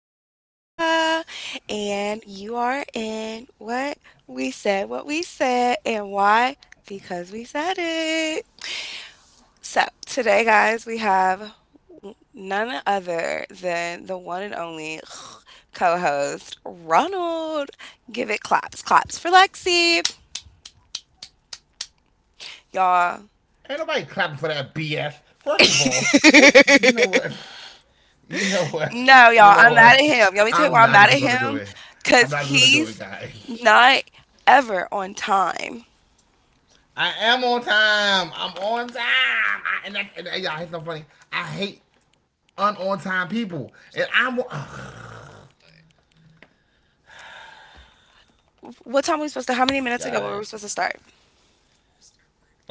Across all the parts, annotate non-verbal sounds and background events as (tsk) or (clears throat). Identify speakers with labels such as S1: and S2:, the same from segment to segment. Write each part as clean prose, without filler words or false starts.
S1: LaShayla, and you are in what we said, and why? Because we said it. So, today, guys, we have none other than the one and only (sighs) co host, Ronald. Give it claps, claps for Lexi. Y'all,
S2: Ain't nobody clapping for that BS. First of all, who you know what? (laughs) You know what? You
S1: no,
S2: know
S1: y'all, I'm
S2: what?
S1: mad at him. Y'all, let me
S2: I'm
S1: tell you why
S2: not
S1: I'm
S2: even
S1: mad at
S2: gonna do
S1: him.
S2: it. I'm
S1: Cause
S2: not even gonna do it,
S1: he's
S2: guys.
S1: not ever on time.
S2: I am on time. I'm on time. I, and, that, and y'all, it's so funny. I hate un on time people. And I'm ugh.
S1: What time were we supposed to? How many minutes ago were we
S2: Guys,
S1: supposed to start?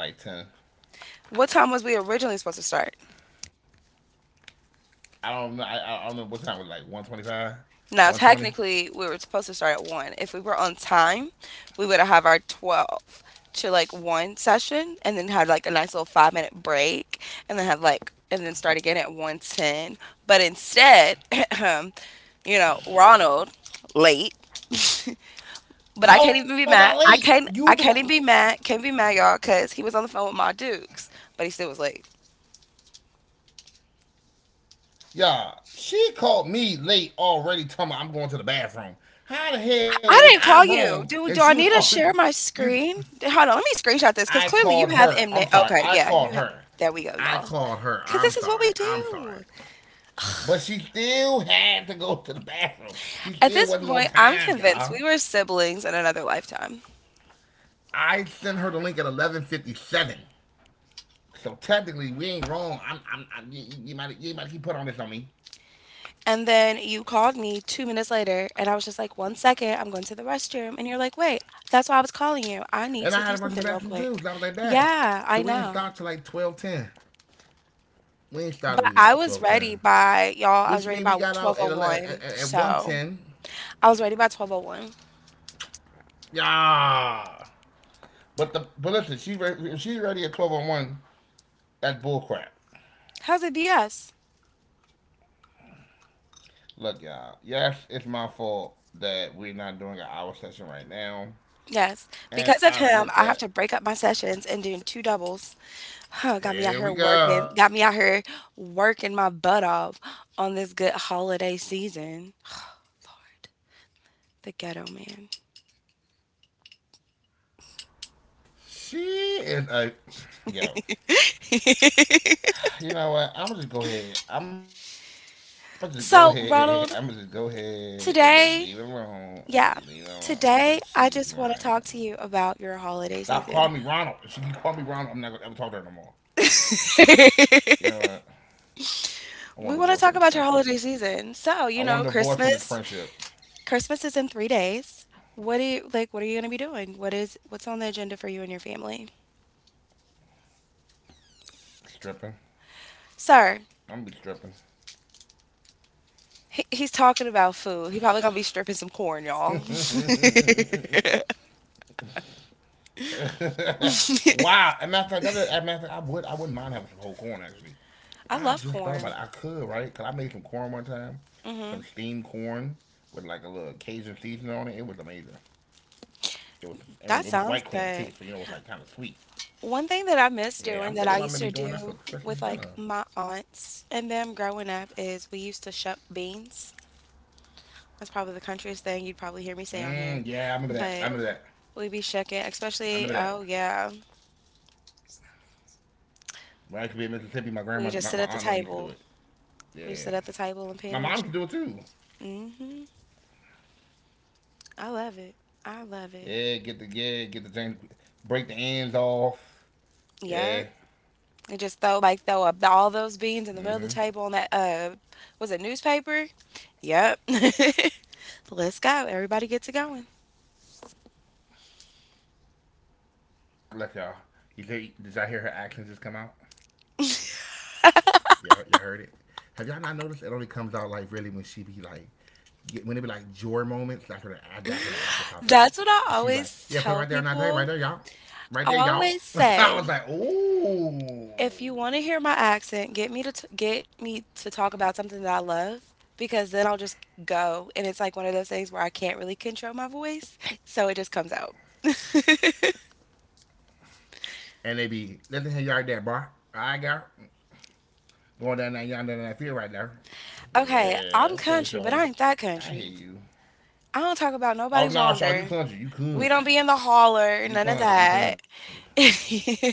S2: like 10.
S1: What time was we originally supposed to start?
S2: I don't know. I don't know what time it was. Like, 1:25.
S1: Now,
S2: 1:20.
S1: technically, we were supposed to start at one. If we were on time, we would have our 12 to like one session, and then had like a nice little 5-minute break, and then start again at 1:10. But instead, (clears throat) you know, Ronald late. But I
S2: How
S1: can't
S2: was
S1: even
S2: I
S1: be mad.
S2: late?
S1: I
S2: You were the
S1: can't.
S2: one.
S1: I can't even be mad. Can't be mad, y'all, because he was on the phone with my Dukes, but he still was late.
S2: Yeah, she called me late already telling me I'm going to the bathroom. How the hell was
S1: I didn't
S2: I
S1: call
S2: wrong?
S1: you.
S2: And she
S1: Do
S2: was
S1: I need to
S2: already.
S1: share my
S2: You
S1: screen? Hold on. Let me screenshot this because
S2: I
S1: clearly you
S2: called
S1: have
S2: her. I'm
S1: Mnet.
S2: sorry.
S1: Okay,
S2: I
S1: yeah,
S2: called
S1: you have.
S2: her.
S1: There we go,
S2: I
S1: y'all.
S2: called her.
S1: Because
S2: I'm
S1: this is what we
S2: sorry. I'm sorry.
S1: do.
S2: But she still had to go to the bathroom. She
S1: At
S2: still
S1: this
S2: wasn't on
S1: point, I'm
S2: time,
S1: convinced we
S2: y'all.
S1: were siblings in another lifetime.
S2: I sent her the link at 11:57. So technically, we ain't wrong. I'm you, you might keep putting on this on me.
S1: And then you called me 2 minutes later, and I was just like, one second, I'm going to the restroom. And you're like, wait, that's why I was
S2: And
S1: calling
S2: I had to
S1: you.
S2: run to the
S1: I need
S2: bathroom
S1: to do
S2: too. So I was
S1: something
S2: like
S1: real
S2: that.
S1: quick.
S2: So we didn't start
S1: Yeah,
S2: till
S1: I
S2: like
S1: know.
S2: 12:10. We ain't started with the twelve
S1: But
S2: ten,
S1: I was ready
S2: which
S1: by
S2: means we
S1: y'all. I
S2: got
S1: was ready
S2: out at
S1: by
S2: 11 at
S1: 12:01.
S2: 1:10.
S1: So I was ready by 12:01.
S2: Yeah, but listen, if she's ready at 12:01. That's bullcrap.
S1: How's it BS?
S2: Look, y'all. Yes, it's my fault that we're not doing an hour session right now,
S1: Yes. Because of
S2: and I'll
S1: him, I
S2: admit
S1: have to
S2: that.
S1: break up my sessions and do two doubles. Huh, got me out
S2: Here
S1: here
S2: we
S1: working.
S2: go.
S1: Got me out here working my butt off on this good holiday season. Lord, the ghetto man.
S2: She is a yo. You know what? I'm gonna just go ahead. I'm gonna just go ahead. I'm gonna just go
S1: So, Ronald,
S2: ahead and just leave it alone. I'm
S1: today,
S2: gonna just leave it alone
S1: yeah,
S2: because she's
S1: today
S2: lying.
S1: I just want to talk to you about
S2: Stop
S1: your
S2: calling me
S1: holiday
S2: Ronald. If
S1: season.
S2: she can call me Ronald, I'm not gonna ever talk to her no more. You know what? I want a divorce from
S1: We
S2: this
S1: want to talk
S2: friendship.
S1: about your holiday season.
S2: I
S1: So,
S2: want a divorce from this
S1: Christmas,
S2: friendship.
S1: Is in 3 days. What are you going to be doing? What's on the agenda for you and your family?
S2: Stripping.
S1: Sir,
S2: I'm gonna be stripping.
S1: he's talking about food. He probably going to be stripping some corn, y'all. (laughs)
S2: (laughs) Wow. And matter of fact, that is, as a matter of fact, I wouldn't mind having some whole corn actually.
S1: I
S2: I
S1: love
S2: just thought about it.
S1: corn.
S2: I could, right? Cause I made some corn one time. Some
S1: Hmm.
S2: steamed corn with like a little Cajun seasoning on it. It was amazing. It was I
S1: That
S2: mean, it was
S1: sounds
S2: white corn too,
S1: good.
S2: so you know it was like kinda sweet.
S1: One thing that I miss
S2: Yeah, I'm
S1: doing that
S2: thinking
S1: I
S2: about
S1: used
S2: maybe
S1: to
S2: doing that for
S1: do
S2: Christmas
S1: with like
S2: dinner.
S1: my aunts and them growing up is we used to shuck beans. That's probably the countryest thing you'd probably hear me say on here.
S2: Mmm, yeah, I remember that. I
S1: But
S2: remember that.
S1: we'd be shucking,
S2: I
S1: especially,
S2: remember that.
S1: oh yeah,
S2: When I used to be in Mississippi, my
S1: we
S2: grandmother,
S1: just
S2: my,
S1: sit
S2: my
S1: at the
S2: aunt never used to do
S1: table.
S2: it.
S1: We just
S2: Yeah.
S1: sit at the table and
S2: My
S1: peel
S2: mom
S1: them.
S2: could do it too.
S1: Hmm. I love it. I love it.
S2: Yeah, get the James, break the ends off. Yeah.
S1: Yep. And just throw up all those beans in the middle of the table on that, was it newspaper? Yep. (laughs) Let's go. Everybody gets it going.
S2: Look, y'all. Did y'all hear her accents just come out? Y'all heard it? Have y'all not noticed? It only comes out like really when she be like, when it be like joy moments. That's when the accent popped out.
S1: That's what I
S2: Cause she was like,
S1: always
S2: yeah, put it
S1: tell
S2: right there on that table, right
S1: people.
S2: there, y'all, right
S1: I
S2: there, y'all.
S1: always
S2: (laughs) I
S1: say,
S2: was like, ooh.
S1: if you want to hear my accent, get me to get me to talk about something that I love because then I'll just go and it's like one of those things where I can't really control my voice, so it just comes out.
S2: And they be listen here, yard there, bro. I got going down that yonder down that field right there.
S1: Okay,
S2: Yeah,
S1: I'm
S2: okay,
S1: country, but
S2: Shorty.
S1: I ain't that
S2: I hear
S1: country.
S2: you.
S1: I don't talk about
S2: Oh no,
S1: nobody's
S2: nah, Shorty, you
S1: yonder.
S2: country, you
S1: We don't
S2: country,
S1: be in the holler,
S2: you
S1: none of
S2: country, you
S1: that.
S2: country.
S1: (laughs)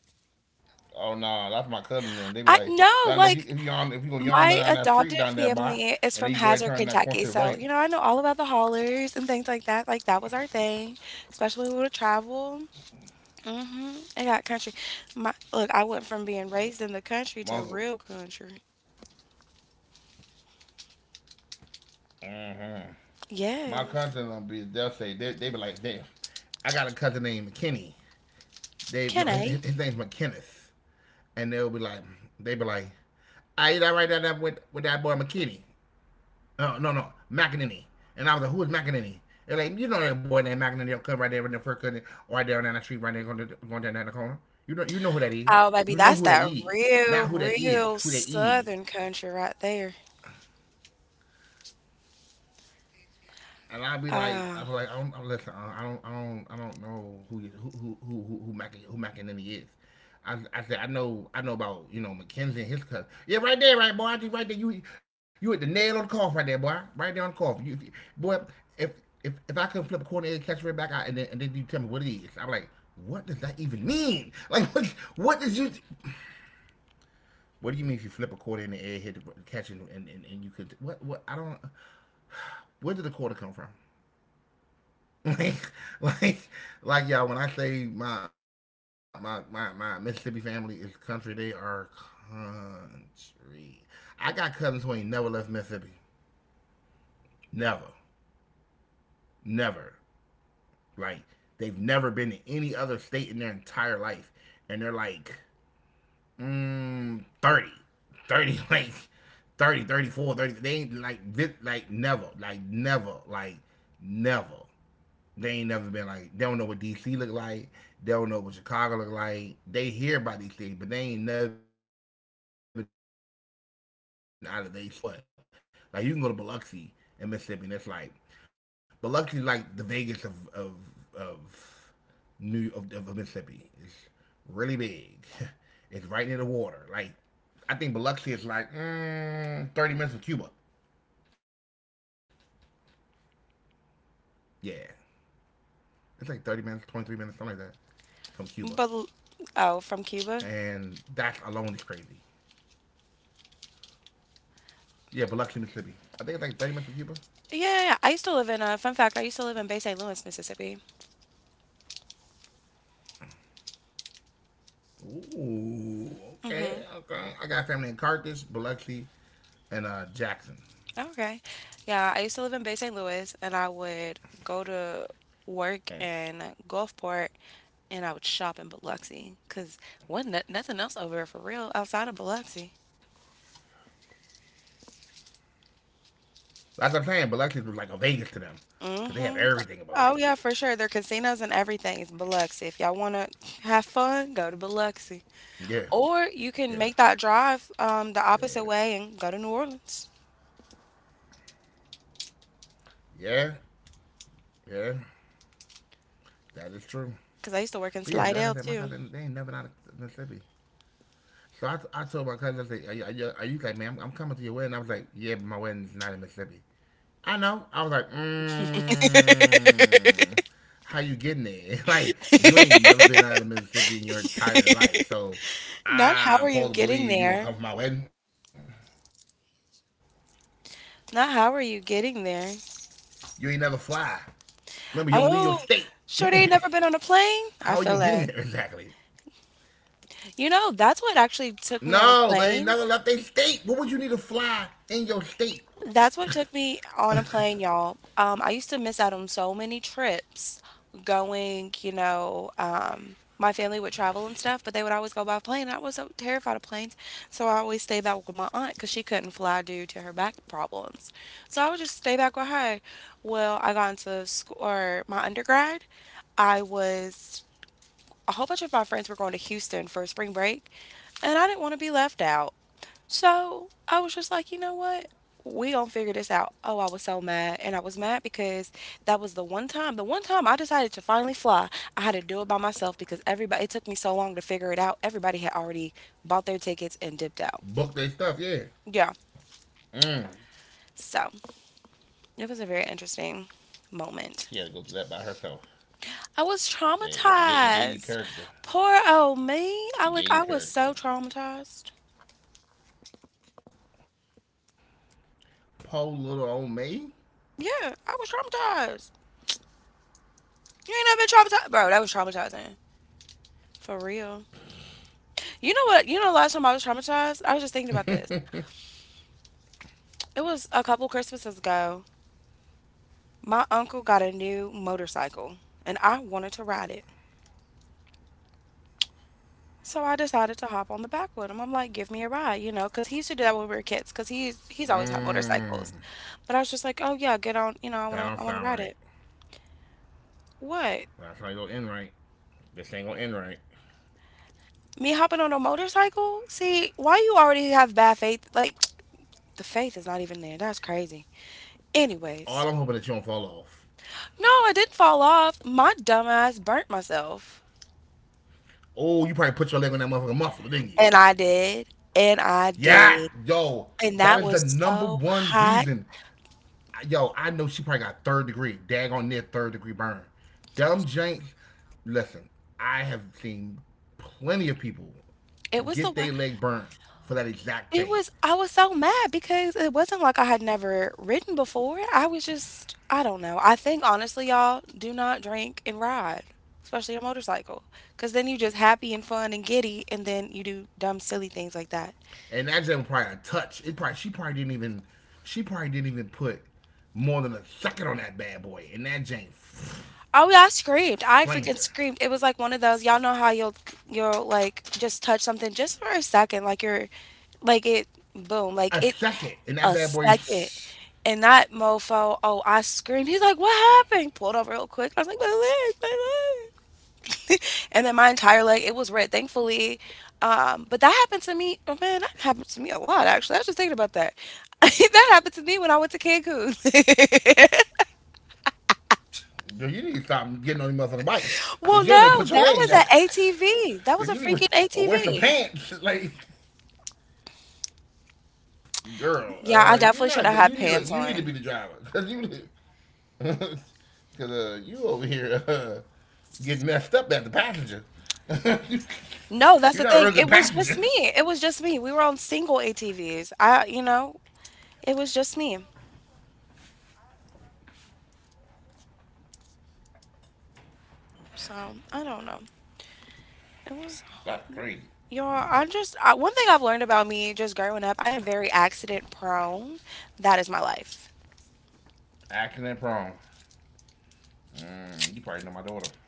S2: Oh no, nah, that's my cousin. Then they be like down there,
S1: I no,
S2: if you go
S1: like
S2: yawn down that street down
S1: my
S2: there, boy,
S1: adopted
S2: and then you go ahead and
S1: family
S2: turn
S1: is
S2: that
S1: from
S2: corner to the
S1: Hazard,
S2: right.
S1: Kentucky. So, I know all about the haulers and things like that. Like that was our thing, especially when we would travel. Mm hmm. I got country. My look, I went from being raised in the country
S2: My
S1: to
S2: uncle,
S1: real country.
S2: my cousin,
S1: Yes.
S2: be they'll say they be like, damn, I got a cousin named McKinney. They No,
S1: Can
S2: his,
S1: I?
S2: his name's McKinnis. And they be like, I write that right down with that boy McKinney? No, no, no, McEnany. And I was like, who is McEnany? They're like, you know that boy named McEnany that come right there in the first cut, right there down the street, right there going down the corner. You know who that is.
S1: Oh, baby,
S2: You know
S1: that's
S2: who that
S1: that
S2: is. Not
S1: real,
S2: who that is.
S1: real
S2: Who that is.
S1: southern country right there.
S2: And
S1: Ah.
S2: I don't listen, I don't know who you- who, Mac, who McEnany is. I said, I know about Mackenzie and his cousin. Yeah, right there, right boy, I just right there. You at the nail on the cough right there, boy, right there on the cough. You, if boy, if if I can flip a corner and catch right back, I, and then you tell me what it is, I'm like. What does that even mean? (laughs) Like, what? What did you? What do you mean if you flip a quarter in the air, hit the catch, and you could? What? What? I don't. Where did the quarter come from? (laughs) like, like, like, y'all. When I say my Mississippi family is country, they are country. I got cousins who ain't never left Mississippi. Never, never. Like, they've never been to any other state in their entire life, and they're like 30, 30, (laughs) like 30, 34, 30. They ain't like never, like never, like never. They ain't never been like they don't know what DC look like. They don't know what Chicago look like. They hear about these things, but they ain't never been out of their state. When they go on vacation, they be like in their state because Mississippi bigger than what. Like you can go to Biloxi in Mississippi, and it's like Biloxi like the Vegas of of Mississippi. It's really big. (laughs) It's right near the water. Like I think Biloxi is like 30 minutes from Cuba. Yeah, it's like 30 minutes, 23 minutes, something like that, from Cuba.
S1: But, oh, from
S2: And
S1: Cuba?
S2: that alone is crazy. Yeah, Biloxi, Mississippi. I think it's like 30 minutes from Cuba.
S1: Yeah, yeah, yeah. I used to live in a, fun fact. I used to live in Bay St. Louis, Mississippi.
S2: Ooh, okay,
S1: Hmm.
S2: okay. I got family in Carthage, Biloxi, and Jackson.
S1: Okay. Yeah, I used to live in Bay St. Louis, and I would go to
S2: And
S1: work in Gulfport, and I would shop in Biloxi, cause wasn't nothing else over there for real outside of Biloxi.
S2: like I'm saying, Biloxi was like a Vegas to them because they
S1: Hmm.
S2: have everything in
S1: Oh
S2: Biloxi.
S1: yeah, for sure. There are casinos and everything. It's Biloxi. If y'all wanna have fun, go to Biloxi,
S2: Yeah,
S1: or you can make
S2: yeah,
S1: that drive, the opposite
S2: yeah,
S1: way and go to New Orleans.
S2: yeah, yeah. That is true.
S1: Because I used to work in
S2: But yeah,
S1: Slidell
S2: like I said, my
S1: too.
S2: cousin, they ain't never out of Mississippi. So I told my cousin, I said, are you like, man, I'm coming to your wedding. I was like, yeah, but my wedding's not in Mississippi. I know. I was like, how you getting there? (laughs) Like, you ain't never been out of Mississippi in your entire life. So,
S1: Not how are you
S2: I, Paul, to
S1: getting
S2: believe
S1: there?
S2: you gonna come from my wedding.
S1: Not how are you getting
S2: You ain't
S1: there?
S2: never fly. Remember, you don't leave your state.
S1: Oh,
S2: (laughs)
S1: sure they ain't never been on
S2: How
S1: a
S2: are you
S1: plane?
S2: getting there
S1: I feel
S2: exactly?
S1: that. You know, that's what actually
S2: No,
S1: took me
S2: they
S1: on
S2: ain't
S1: a
S2: never left their
S1: plane.
S2: state. What would you need to fly in your state?
S1: That's what took me on a plane, y'all. I used to miss out on so many trips going, my family would travel and stuff, but they would always go by plane. I was so terrified of planes. So I always stayed back with my aunt because she couldn't fly due to her back problems. So I would just stay back with her. Well, I got into school, or my undergrad. I was, a whole bunch of my friends were going to Houston for spring break, and I didn't want to be left out. So I was just like, you know what? We gonna figure this out. Oh, I was so mad, and I was mad because that was the one time. The one time I decided to finally fly, I had to do it by myself because everybody. It took me so long to figure it out. Everybody had already bought their tickets and dipped out.
S2: Book their stuff, yeah.
S1: Yeah. So it was a very interesting
S2: She had to
S1: moment.
S2: go through that by herself.
S1: I was
S2: It gave you
S1: traumatized.
S2: character.
S1: Poor old me.
S2: It gave you
S1: I was so
S2: character.
S1: traumatized.
S2: Poor little old me.
S1: Yeah, I was traumatized. You ain't never been traumatized, bro. That was traumatizing. For real. You know what? Last time I was traumatized, I was just thinking about this. It was a couple Christmases ago. My uncle got a new motorcycle and I wanted to ride it. So I decided to hop on the back with him. I'm like, give me a ride, because he used to do that when we were kids, because he's always had
S2: Mm,
S1: motorcycles. But I was just like, oh yeah, get on,
S2: that
S1: I
S2: don't sound
S1: wanna
S2: right.
S1: ride it. What?
S2: That's how you go in right. This ain't gonna end right.
S1: Me hopping on a motorcycle? See, why you already have bad faith? Like, (tsk) the faith is not even there. That's crazy.
S2: All I'm
S1: Anyways,
S2: hoping that you don't fall off.
S1: no, I didn't fall off. My dumbass burnt myself.
S2: Oh, you probably put your leg on that motherfucking muffler, didn't you?
S1: And I did. And I
S2: Yeah,
S1: did.
S2: yo,
S1: And
S2: that
S1: that
S2: is the
S1: was
S2: number
S1: so
S2: one
S1: hot.
S2: reason. Yo, I know she probably got third degree, daggone near third degree burn. Dumb Jenks, listen, I have seen plenty of people
S1: It was the
S2: get
S1: wor-
S2: their leg burned for that exact
S1: It
S2: thing.
S1: was, I was so mad because it wasn't like I had never ridden before. I don't know. I think honestly, y'all, do not drink and ride, especially a motorcycle. Because then you're just happy and fun and giddy, and then you do dumb, silly things like that.
S2: And that jam was probably a touch. It probably she probably didn't even put more than a second on that bad boy, and that jam
S1: Oh yeah, I screamed. I
S2: flamed
S1: freaking
S2: her.
S1: screamed. It was like one of those, y'all know how you'll like just touch something just for a second, like you're like it
S2: A
S1: boom,
S2: second,
S1: like
S2: and
S1: it
S2: that bad boy.
S1: a
S2: Shh,
S1: second. And that mofo, oh, I screamed. He's like, what happened? Pulled over real quick. I was like, my leg, my leg. And then my entire leg, it was red, thankfully. But that happened to me. Oh man, that happened to me a lot actually. I was just thinking about that. (laughs) That happened to me when I went to Cancun.
S2: dude, you need to stop getting on these motherfucking bikes, cause
S1: (laughs)
S2: you don't even
S1: Well,
S2: put your
S1: no,
S2: legs down.
S1: that was an
S2: (laughs)
S1: ATV.
S2: Cause you
S1: That
S2: need
S1: was a
S2: to
S1: freaking
S2: wear some
S1: ATV.
S2: pants, (laughs) like girl.
S1: Yeah, I
S2: You're
S1: definitely
S2: not.
S1: should have
S2: You
S1: had
S2: need. Look, you
S1: pants
S2: need to be the
S1: on.
S2: driver, cause you. Because (laughs) you over here getting messed up as a passenger. (laughs)
S1: No, that's the
S2: You're not a
S1: thing.
S2: real
S1: It
S2: good
S1: was just
S2: passenger.
S1: me. It was just me. We were on single ATVs. It was just me. So I don't know. It was,
S2: (laughs) That's crazy.
S1: y'all. One thing I've learned about me just growing up. I am very accident prone. That is my life.
S2: Accident prone. You probably know my daughter.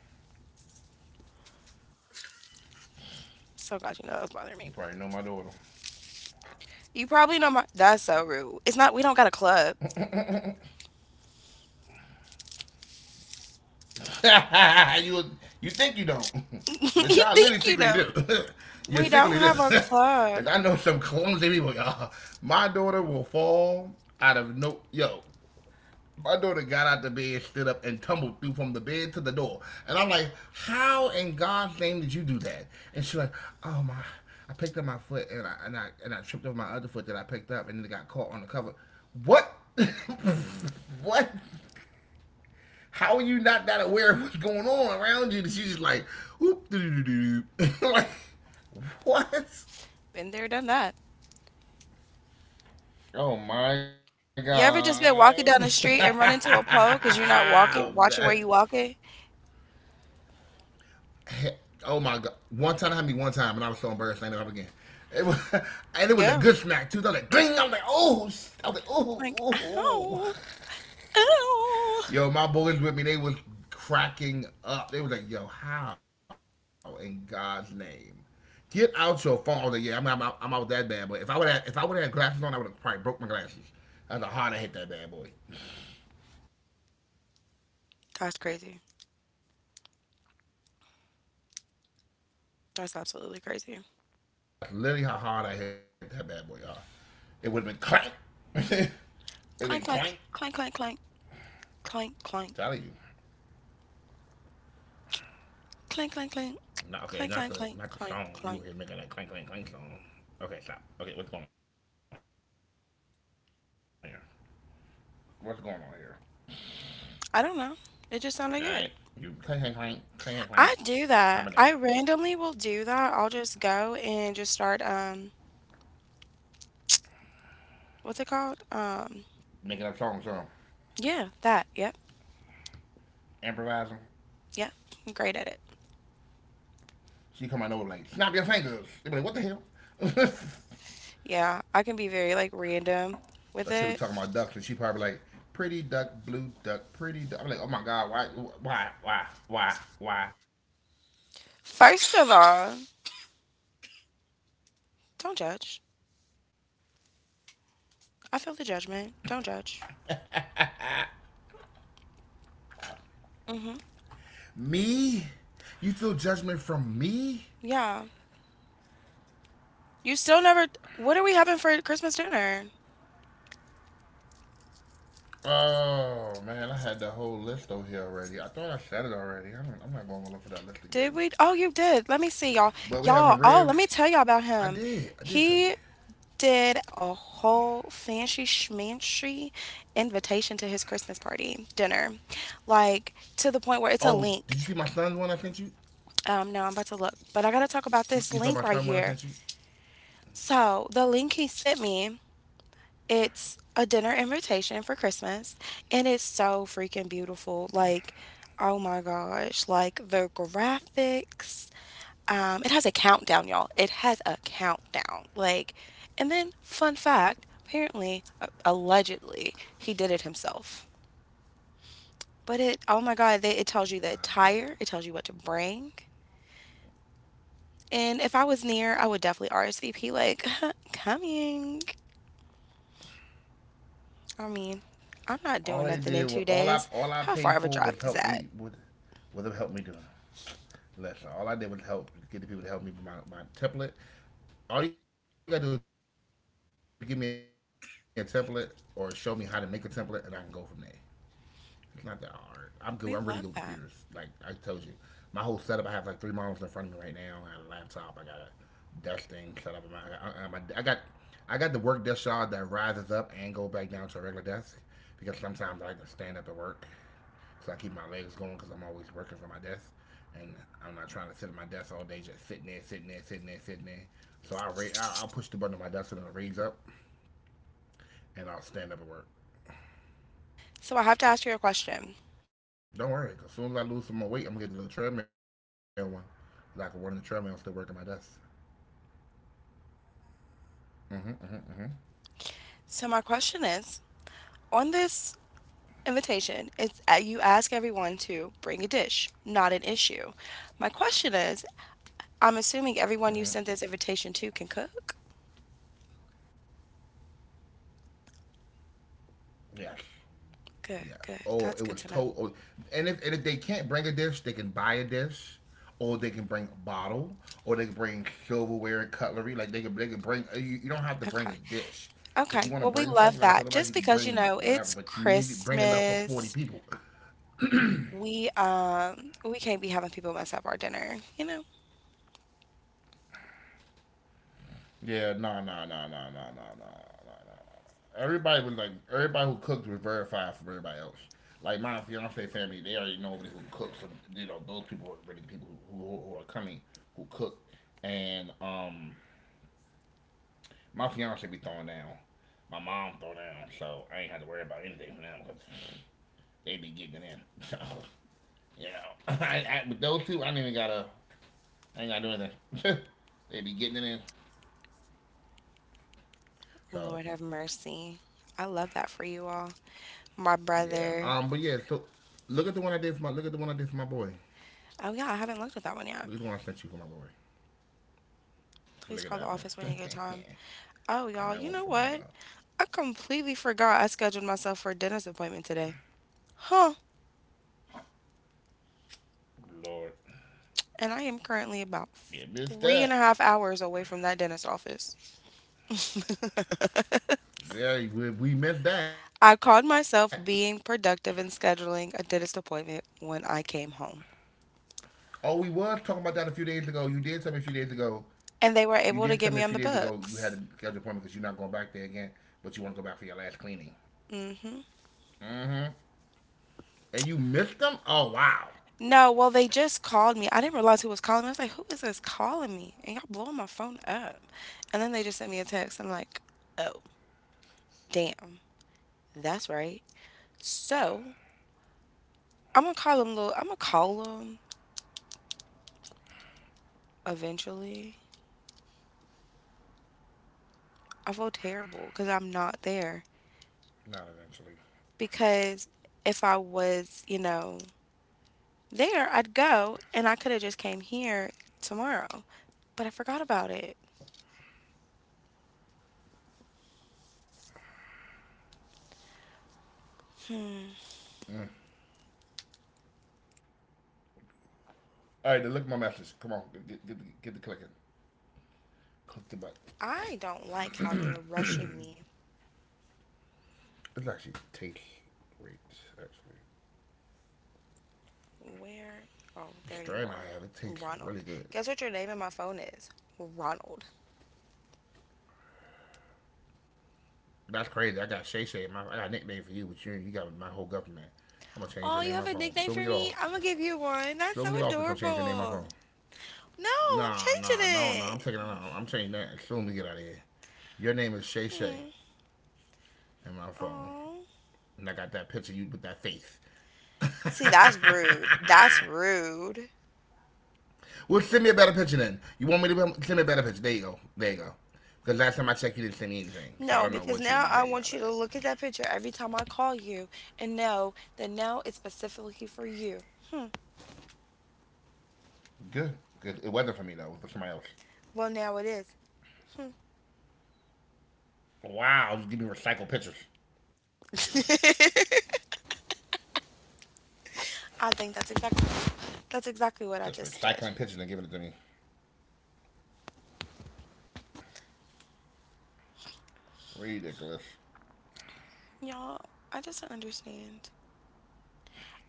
S1: So glad you know
S2: You
S1: that's
S2: probably
S1: bothering
S2: know my
S1: me.
S2: daughter.
S1: You probably know my. That's so rude. It's not. We don't got a club.
S2: (laughs) you you think you don't,
S1: (laughs) You
S2: (laughs) but y'all
S1: think
S2: literally
S1: you
S2: secretly
S1: know?
S2: do. (laughs) You
S1: We
S2: secretly
S1: don't
S2: do.
S1: have a
S2: (laughs)
S1: club.
S2: Cause I know some clumsy people, y'all. My daughter will fall out of no yo. My daughter got out the bed, stood up, and tumbled through from the bed to the door. And I'm like, how in God's name did you do that? And she's like, oh my, I picked up my foot and I tripped over my other foot that I picked up and then it got caught on the cover. What? (laughs) What? How are you not that aware of what's going on around you that you just like, whoop, doo doo doo doo. (laughs) Like, what?
S1: Been there, done that.
S2: Oh my
S1: You ever just been walking down the street and run
S2: god.
S1: into a pole because you're not
S2: (laughs)
S1: walking,
S2: I'm
S1: watching where
S2: done.
S1: you walking?
S2: Oh my god, one time it happened to me one time, and I was so embarrassed I ended up again. It was, (laughs)
S1: Yeah.
S2: and it was a good smack too. I was like, ding. I was like, oh, I was like,
S1: Like,
S2: oh, oh,
S1: ow,
S2: oh.
S1: ow.
S2: Yo, my boys with me, they was cracking up. They was like, yo, how in God's name? Get out your phone. I was like, yeah, out- I'm out that bad boy. If I would have had glasses on, I would have probably broke my glasses. That's how hard I hit that bad boy.
S1: That's crazy. That's absolutely crazy.
S2: That's literally how hard I hit that bad boy, y'all. It would have been clank. (laughs) it would have been
S1: Clank,
S2: clank.
S1: clank, clank, clank, clank, clank,
S2: I'm
S1: clank,
S2: telling you.
S1: clank, clank, clank,
S2: Not
S1: clank,
S2: okay.
S1: clank, clank,
S2: Not the
S1: clank,
S2: song.
S1: clank.
S2: You were making that clank clank clank song. Okay, stop. Okay, what's going on here? What's going on here? All right, you
S1: I
S2: clank
S1: don't
S2: clank
S1: know.
S2: clank
S1: It just
S2: clank
S1: sounded
S2: clank.
S1: good.
S2: Calm it down.
S1: I do that. I randomly will do that. I'll just go and just start, what's it
S2: Making up
S1: called?
S2: songs, huh?
S1: Yeah, that. Yep,
S2: Improvising.
S1: yep. I'm great at it.
S2: She come out over like snap your fingers. They be like, what the hell? (laughs) that
S1: Yeah, I can be very like random
S2: shit be talking
S1: with
S2: about ducks,
S1: it.
S2: and she probably like pretty duck, blue duck, pretty duck. I'm like, oh my god, why, why?
S1: First of all, don't judge. I feel the judgment. Don't judge. Hmm.
S2: Me? You feel judgment from me?
S1: Yeah. You still never. What are we having for Christmas dinner?
S2: Oh man, I had that whole list over here already. I thought I said it already. I'm not going to look for that list again.
S1: Did we? Oh, you did. Let me see, y'all.
S2: But we
S1: Y'all.
S2: having
S1: Oh, let
S2: ribs.
S1: me tell y'all about
S2: I
S1: him.
S2: did. I did tell
S1: He
S2: you.
S1: did a whole fancy schmancy invitation to his Christmas party dinner, like to the point where it's a
S2: Oh,
S1: link.
S2: did you see my son's one I sent you?
S1: No, I'm about to look, but I gotta talk about this
S2: You
S1: link
S2: saw
S1: right
S2: my son's
S1: here.
S2: one I sent you?
S1: So the link he sent me. It's a dinner invitation for Christmas, and it's so freaking beautiful. Like, oh my gosh, like the graphics. It has a countdown, y'all. It has a countdown. Like, and then, fun fact apparently, allegedly, he did it himself. But it, oh my God, they, it tells you the attire, it
S2: Wow.
S1: tells you what to bring. And if I was near, I would definitely RSVP, like, (laughs) coming. I mean, I'm not doing
S2: All
S1: nothing
S2: they
S1: in two
S2: did was
S1: days. How
S2: all
S1: far
S2: I
S1: of a
S2: paid
S1: drive is
S2: for was
S1: that?
S2: help me with was help me do. Listen, all I did was help get the people to help me with my template. All you gotta do is give me a template or show me how to make a template, and I can go from there. It's not that hard. I'm good. I'm really good with computers. Like I told you,
S1: We
S2: my
S1: love
S2: whole
S1: that.
S2: setup. I have like three monitors in front of me right now. I got a laptop. I got a desk thing set up. Got I got the work desk shot that rises up and go back down to a regular desk because sometimes I like to stand up at work. So I keep my legs going because I'm always working from my desk, and I'm not trying to sit at my desk all day just sitting there, sitting there, sitting there, sitting there. So I'll, ra- I'll push the button on my desk and it'll raise up, and I'll stand up at work.
S1: So I have to ask you a
S2: Don't worry.
S1: question.
S2: worry. As soon as I lose some more weight, I'm gonna get to the treadmill one. And I can run in the treadmill and still work at my desk.
S1: So my question is, on this invitation, it's you ask everyone to bring a dish, not an issue. My question is, I'm assuming everyone you sent this invitation to can cook.
S2: Yes. Yes.
S1: Good,
S2: Oh, it
S1: good.
S2: was
S1: That's
S2: told.
S1: good
S2: Oh,
S1: to know.
S2: and if they can't bring a dish, they can buy a dish, or they can bring a bottle, or they can bring silverware and cutlery. Like they can bring. You don't have to bring a
S1: Okay.
S2: dish. If you want
S1: Okay,
S2: to
S1: well,
S2: bring
S1: we
S2: something, like I
S1: love
S2: told
S1: that.
S2: everybody, you can
S1: Just because, you
S2: bring
S1: know,
S2: whatever,
S1: it's
S2: but you need to bring enough for 40
S1: Christmas.
S2: people. (laughs)
S1: We can't be having people mess up our dinner, you know?
S2: Yeah, nah, nah, nah, nah, nah, nah, nah, nah, nah. Everybody was like, everybody who cooked was verified from everybody else. Like my fiance family, they already know everybody who cooks. So, you know, those people are really people who are coming, who cook. And My fiance be throwing down. My mom throw down, so I ain't had to worry about anything from them because they be getting in. (laughs) So, you know, (laughs) with those two, I ain't gotta do anything. (laughs) they be getting it in.
S1: Lord
S2: So
S1: have mercy. I love that for you all. My
S2: yeah.
S1: brother.
S2: But yeah. So Look at the one I did for my boy.
S1: Oh yeah, I haven't looked at that one yet.
S2: Look at the one I sent you for my boy.
S1: Please call the
S2: Look at
S1: office
S2: that
S1: when you get
S2: one.
S1: time.
S2: (laughs)
S1: Oh, y'all, you
S2: and that
S1: know
S2: one from
S1: what?
S2: uh.
S1: I completely forgot I scheduled myself for a dentist appointment today. Huh.
S2: Lord.
S1: And I am currently about
S2: You
S1: three
S2: missed
S1: and a
S2: that.
S1: half hours away from that dentist office.
S2: Yeah. We missed that.
S1: I called myself being productive and scheduling a dentist appointment when
S2: Oh,
S1: I
S2: we
S1: came
S2: was talking
S1: home.
S2: about that a few days ago. You did tell me a few days ago. You did tell me a few days ago you
S1: And they
S2: had
S1: were
S2: to
S1: able
S2: schedule an
S1: to get me
S2: appointment
S1: on
S2: because
S1: the
S2: you're not going back there
S1: books.
S2: again, but you want to go back for your last cleaning. Mm-hmm.
S1: Hmm.
S2: And you missed them? Oh, wow.
S1: No, well, they just called me. I didn't realize who was calling me. I was like, who is this calling me? And y'all blowing my phone up. And then they just sent me a text. I'm like, oh, damn. That's right. So I'm gonna call him eventually. I feel terrible because I'm not there.
S2: Not eventually.
S1: Because if I was, you know, there, I'd go and I could have just came here tomorrow. But I forgot about it. Hmm.
S2: All right, then look at my message. Come on, get the clicking. Click the button.
S1: I don't like how you're rushing me.
S2: It actually tastes great. Actually,
S1: Where? Oh,
S2: strain
S1: there
S2: I
S1: you
S2: have it
S1: are.
S2: tastes really good.
S1: Ronald. Guess what your name in my phone is? Ronald.
S2: That's crazy. I got Shay Shay. My I got a nickname for you, but you got my whole government. I'm gonna change your name on my
S1: Oh,
S2: phone.
S1: you have
S2: So
S1: a
S2: we get
S1: nickname
S2: off.
S1: for me? I'm gonna give you
S2: So
S1: one.
S2: we get
S1: That's
S2: off. This
S1: so
S2: I'm going to change your name on my phone.
S1: adorable. No, I'm
S2: Nah,
S1: changing
S2: nah, No, no. I'm
S1: it.
S2: taking it out. I'm changing that. As soon as we get out of here, your name is Shay Shay
S1: Hmm.
S2: in my phone,
S1: Oh.
S2: and I got that picture of you with that face.
S1: See, that's rude. That's
S2: (laughs)
S1: rude.
S2: Well, send me a better picture then. You want me to Send me a better picture? There you go. There you go. Because last time I checked, you didn't send me anything. So I
S1: No,
S2: don't know
S1: because
S2: what you want
S1: now
S2: me to
S1: I
S2: tell you about
S1: want you to
S2: that.
S1: look at that picture every time I call you and know that now it's specifically for you. Hmm.
S2: Good. Good. It wasn't for me though. It was for somebody else.
S1: Well, now it is. Hmm.
S2: Wow. Just give me recycled pictures.
S1: (laughs) I think that's exactly
S2: Just
S1: what I just
S2: recycling
S1: did.
S2: pictures and giving it to me. Ridiculous.
S1: Y'all, I just don't understand.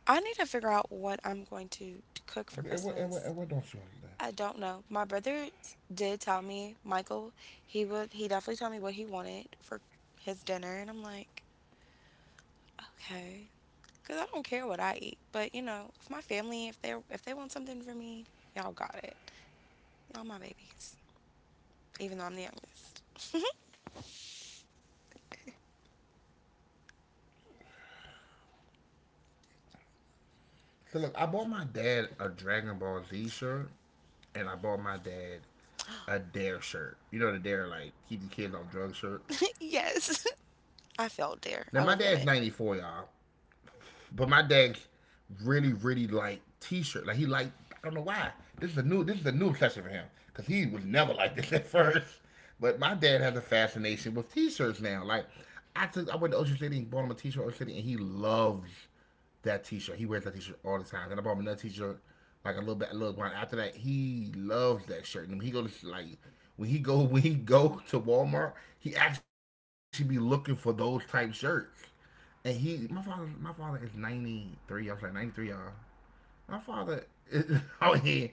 S1: I need to figure out what I'm going to cook for
S2: And what, and what, and
S1: Christmas.
S2: what don't you want to do?
S1: I don't know. My brother did tell me, Michael, he definitely told me what he wanted for his dinner, and I'm like, okay, cuz I don't care what I eat, but you know, if my family, if they want something for me, y'all got it. Y'all my babies, even though I'm the youngest.
S2: So look, I bought my dad a Dragon Ball Z shirt, and I bought my dad a Dare shirt. You know the Dare like keep the kids off drugs shirt.
S1: (laughs) Yes. (laughs) I felt there.
S2: Now
S1: I
S2: my
S1: was in
S2: dad's
S1: it.
S2: 94, y'all. But my dad's really, really like t-shirt. Like he like I don't know why. This is a new obsession for him because he was never like this (laughs) at first. But my dad has a fascination with t-shirts now. Like I went to Ocean City and bought him a t-shirt Ocean City, and he loves that t-shirt. He wears that t-shirt all the time. Then I bought him another t-shirt like a little while after that. He loves that shirt. And he goes like when he go (laughs) when he go to Walmart, he actually be looking for those type shirts. And he, my father, My father is 93. I was like 93, y'all. My father is (laughs) out here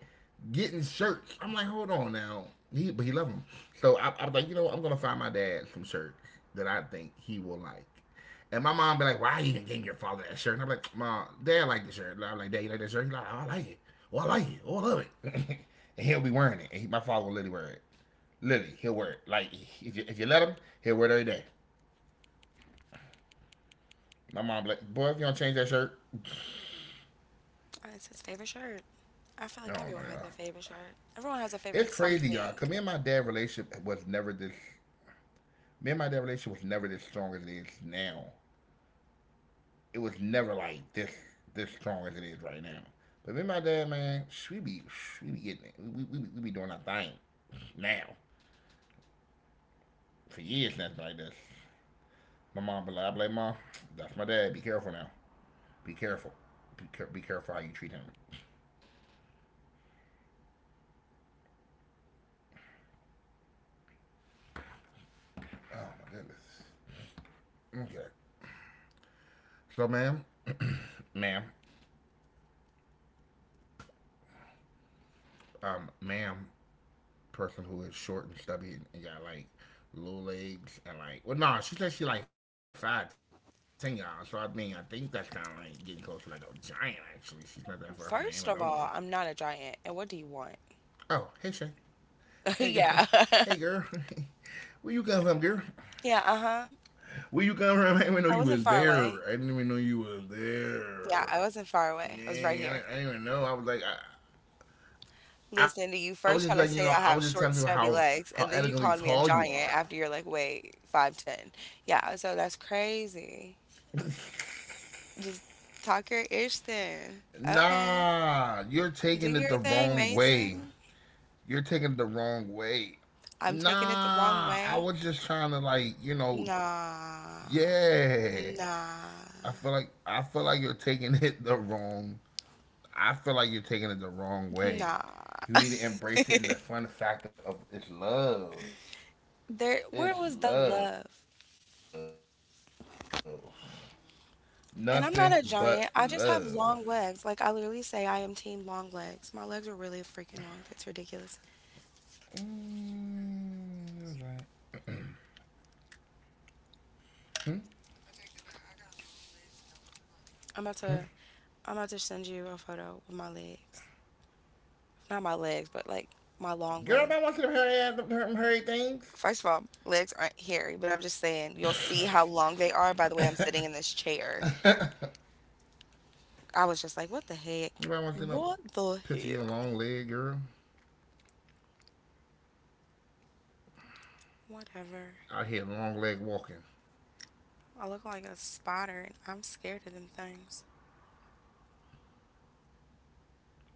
S2: getting shirts. I'm like, hold on now. He loved them. So I was like, you know, I'm gonna find my dad some shirts that I think he will like. And my mom be like, why are you even getting your father that shirt? And I'm like, mom, dad like the shirt. And I'm like, dad, you like that shirt? He like, oh, I like it. Oh, I like it. Oh, I love it. (laughs) and he'll be wearing it. My father will literally wear it. Literally, he'll wear it. Like if you let him, he'll wear it every day. My mom be like, boy, if you don't change that shirt,
S1: Oh, it's his favorite shirt. I feel like
S2: I
S1: everyone
S2: don't
S1: has
S2: know,
S1: their
S2: y'all.
S1: favorite shirt. Everyone has a favorite
S2: It's crazy,
S1: something.
S2: y'all. Cause me and my dad relationship was never this. Me and my dad relationship was never this strong as it is now. It was never like This strong as it is right now. But me and my dad, man, we be we be getting it. We be doing our thing now for years now it like this. My mom be like, I be like, mom, that's my dad. Be careful now. Be careful. Be careful how you treat him. Oh my goodness. Okay. So, ma'am, (clears throat) ma'am, ma'am, person who is short and stubby and got like little legs and like well no nah, she said she like 5'10" y'all so I mean I think that's kind of like getting close to like a giant actually she's not that far from an Amazonian.
S1: First of all, I'm not a giant. And what do you want?
S2: Oh hey Shay, hey
S1: (laughs)
S2: girl,
S1: Yeah.
S2: hey
S1: (laughs)
S2: girl. (laughs) where you come from girl,
S1: Yeah, uh-huh.
S2: where you come from?
S1: I wasn't far away.
S2: I didn't even know you was
S1: Yeah, I
S2: there.
S1: wasn't far away. I was
S2: Yeah
S1: right here.
S2: I didn't even know.
S1: Listening to you
S2: I was
S1: first try
S2: just
S1: to
S2: like you
S1: say
S2: know
S1: I
S2: I was
S1: have
S2: just telling
S1: short,
S2: people
S1: stubby
S2: how
S1: legs, and then you
S2: elegantly
S1: called me a
S2: tall you
S1: giant
S2: are.
S1: after you're like, wait, 5'10". Yeah, so that's crazy. Just talk your ish then. Okay.
S2: Nah you're
S1: Do
S2: taking
S1: your
S2: it the
S1: thing,
S2: wrong way,
S1: Mason.
S2: you're taking it the wrong way.
S1: I'm taking it the wrong
S2: Nah, I
S1: way.
S2: was just trying to like, you know,
S1: Nah.
S2: yeah.
S1: Nah.
S2: I feel like you're taking it the wrong. I feel like you're taking it the wrong way.
S1: Nah.
S2: You need to embrace it in the fun factor of it's love.
S1: There,
S2: It's
S1: where was the
S2: love.
S1: love?
S2: Nothing but love.
S1: And I'm not a giant. I just have long legs. Like, I literally say I am team long legs. My legs are really freaking long. That's ridiculous.
S2: Mm, right.
S1: I'm about to I'm about to send you a photo with my legs. Not my legs, but like my long
S2: Girl, everybody
S1: legs.
S2: wants to see them hairy, them hairy things.
S1: First of all, legs aren't hairy, but I'm just saying you'll see how long they are by the way I'm sitting in this chair. I was just like, what the heck?
S2: Everybody wants to see no
S1: What the
S2: picture of your
S1: heck?
S2: long leg, girl,
S1: Whatever.
S2: out here long leg walking.
S1: I look like a spotter and I'm scared of them things.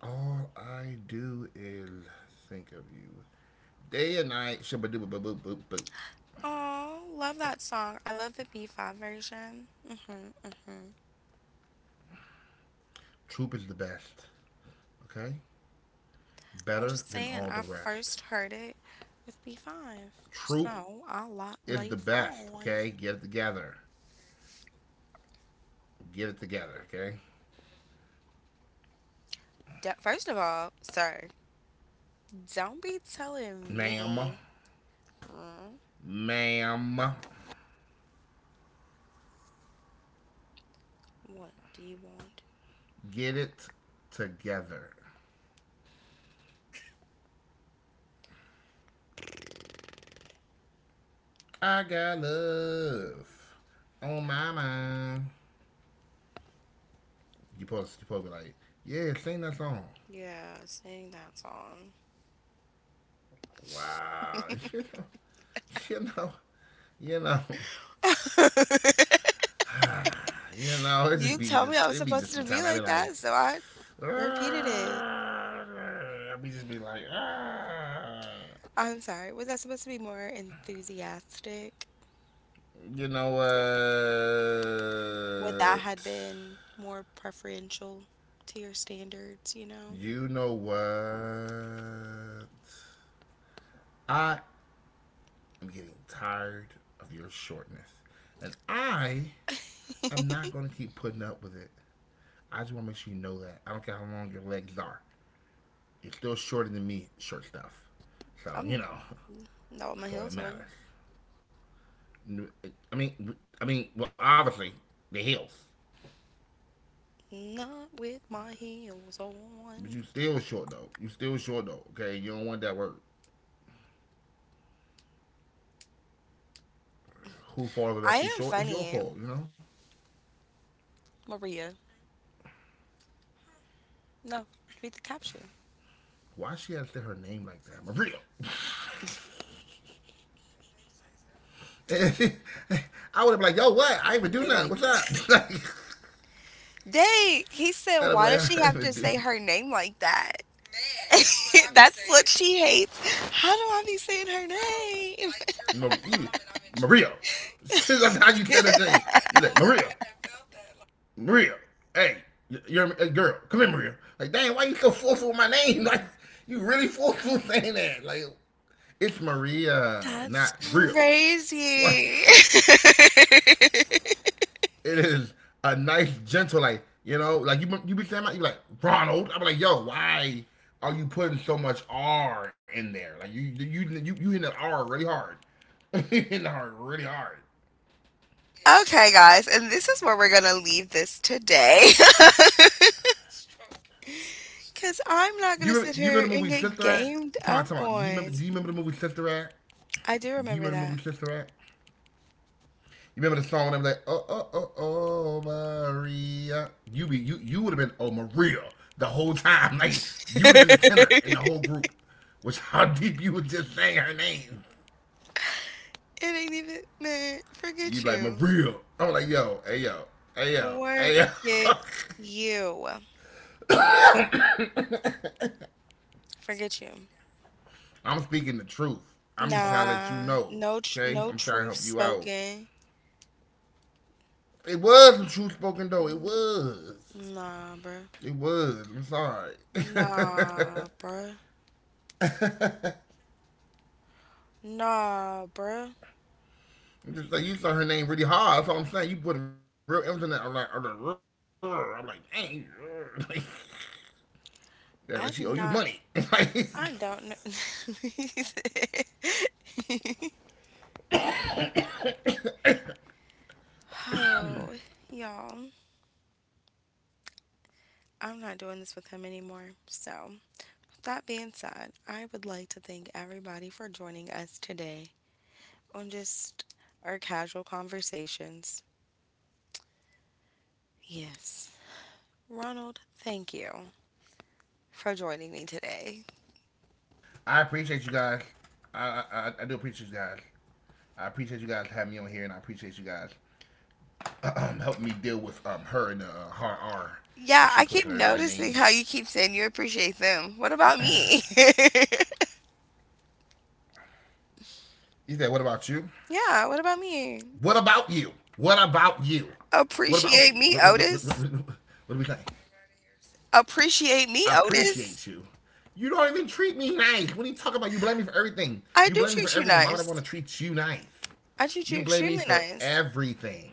S2: All I do is think of you. Day and night, shabadoo boop boop boop boop.
S1: Oh, love that song. I love the B5 version. Mhm. Mhm.
S2: Troop is the best. Okay?
S1: I'm
S2: Better
S1: just
S2: than
S1: saying,
S2: all the
S1: I
S2: rest.
S1: first heard it with B5.
S2: Troop is
S1: So
S2: the
S1: I like
S2: best, okay? Get it
S1: B5.
S2: together. Get it together, okay?
S1: First of all, sir, don't be telling
S2: Ma'am.
S1: me mm,
S2: Ma'am.
S1: what do you want.
S2: Get it together. I got love on my mind. You supposed to be like, yeah, sing that song.
S1: Yeah, sing that song.
S2: Wow. (laughs) You know, you know,
S1: (laughs)
S2: it just
S1: You
S2: be
S1: told me I
S2: just
S1: was
S2: it be just
S1: supposed to be
S2: sometimes I be
S1: like
S2: like
S1: that, so I repeated it.
S2: ah, I be just be like ah.
S1: I'm sorry. Was I supposed to be more enthusiastic?
S2: you know what
S1: Would that had been more preferential to your standards, you know?
S2: you know what, I am getting tired of your shortness. And I am not gonna keep putting up with it. I just wanna make sure you know that. I don't care how long your legs are. You're still shorter than me, short stuff. So
S1: I'm not on
S2: (laughs)
S1: my
S2: that's
S1: heel.
S2: all that matters. Well, obviously the heels,
S1: Not with my heels
S2: but you
S1: on.
S2: still short though. You still short though. Okay, you don't want that word. Who falls
S1: I
S2: that you
S1: am
S2: short is your
S1: funny,
S2: fault. You know
S1: Maria. No, read the caption.
S2: why she had to say her name like that, Maria. (laughs) I would have been like, yo, what? I didn't even
S1: I've
S2: do
S1: been
S2: nothing.
S1: like
S2: What's
S1: this.
S2: up? (laughs)
S1: Dang, he said,
S2: I'd have been
S1: why does
S2: like, (laughs)
S1: she
S2: I didn't
S1: have to
S2: even do
S1: say her name like that? (laughs) That's what she hates. How do I be saying her name?
S2: no,
S1: (laughs)
S2: Maria. (laughs) That's how you said it. You're like, Maria. Maria, hey, you're a girl. Come in, Maria. Like, dang, why you so forceful with my name? (laughs) Like, you really forceful (laughs) saying that? Like, it's Maria,
S1: That's
S2: not real. (laughs) Like,
S1: crazy. (laughs)
S2: it is a nice, gentle, like, you know, like you be saying, my, you like Ronald. I'm like, yo, why are you putting so much R in there? Like, you hitting the R really hard. (laughs) You hitting the R really hard.
S1: Okay, guys, and this is where we're going to leave this today. (laughs) Because I'm not going to
S2: You
S1: sit
S2: remember the
S1: here
S2: movie
S1: and
S2: Sister
S1: get
S2: Act?
S1: gamed
S2: Time
S1: up
S2: out. Do you remember? Do
S1: on.
S2: you remember the movie Sister Act?
S1: I do
S2: Do you
S1: remember
S2: remember the movie
S1: that.
S2: Sister Act? You remember the song when I'm like, Maria. You be you you would have been oh Maria the whole time. (laughs) Like you would have been the tenor in the
S1: (laughs)
S2: whole group, which (laughs) how deep you would just saying her name.
S1: It ain't even meant.
S2: You'd
S1: Forget
S2: be like
S1: you.
S2: Maria. I'm like yo, hey yo.
S1: Forget
S2: (laughs)
S1: you. Forget you.
S2: I'm speaking the truth. I'm just trying to let you
S1: Nah.
S2: know.
S1: No.
S2: Okay,
S1: No
S2: I'm trying to
S1: truth
S2: help you out.
S1: spoken.
S2: It was the truth spoken though. It was.
S1: Nah, bruh.
S2: It was. I'm sorry. (laughs)
S1: Nah, bruh. Nah, bruh.
S2: I'm just like you saw her name really hard. That's all I'm saying. You put real M's in that. Dang. (laughs) Like, yeah, like she owe
S1: I'm
S2: you
S1: not.
S2: money. (laughs) Like,
S1: I don't know. (laughs) Oh, y'all. I'm not doing this with him anymore. So. That being said, I would like to thank everybody for joining us today on just our casual conversations. Yes. Ronald, thank you for joining me today.
S2: I appreciate you guys. I, I do appreciate you guys. I appreciate you guys having me on here, and I appreciate you guys helping me deal with her and the hard R that
S1: Yeah,
S2: she
S1: I
S2: puts in
S1: keep
S2: everybody's name.
S1: noticing how you keep saying you appreciate them. What about me? (laughs)
S2: You said, what about you?
S1: Yeah, what about me?
S2: What about you? What about you? What about
S1: Appreciate
S2: you?
S1: me, Otis?
S2: What do we think? I
S1: Appreciate me,
S2: appreciate you.
S1: Otis?
S2: You don't even treat me nice. What are you talking about? You blame me for everything. You blame
S1: I
S2: me for
S1: do
S2: everything.
S1: treat
S2: Why
S1: you
S2: would I want to
S1: nice.
S2: treat you nice?
S1: I
S2: You
S1: treat you
S2: blame me
S1: extremely
S2: for
S1: nice.
S2: everything.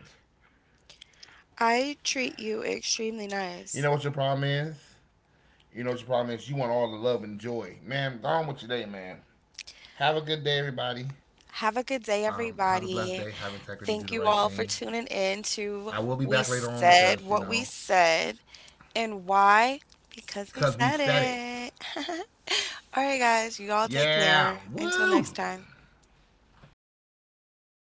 S1: I treat you extremely
S2: You
S1: nice.
S2: know what your problem is? You know what your problem is? You want all the love and joy. Man, gone with your day, man. Have a good day, everybody.
S1: Have a good day,
S2: Have a blessed
S1: everybody.
S2: day. Have integrity.
S1: Thank
S2: Do the
S1: you
S2: right
S1: all for
S2: thing.
S1: tuning in to
S2: I will be
S1: We
S2: back later on
S1: Said
S2: because, you
S1: What We
S2: know,
S1: Said. And why? Because we
S2: because
S1: said
S2: we said it.
S1: it. (laughs) All right, guys, you all take care.
S2: Yeah.
S1: Until next
S2: Woo!
S1: time.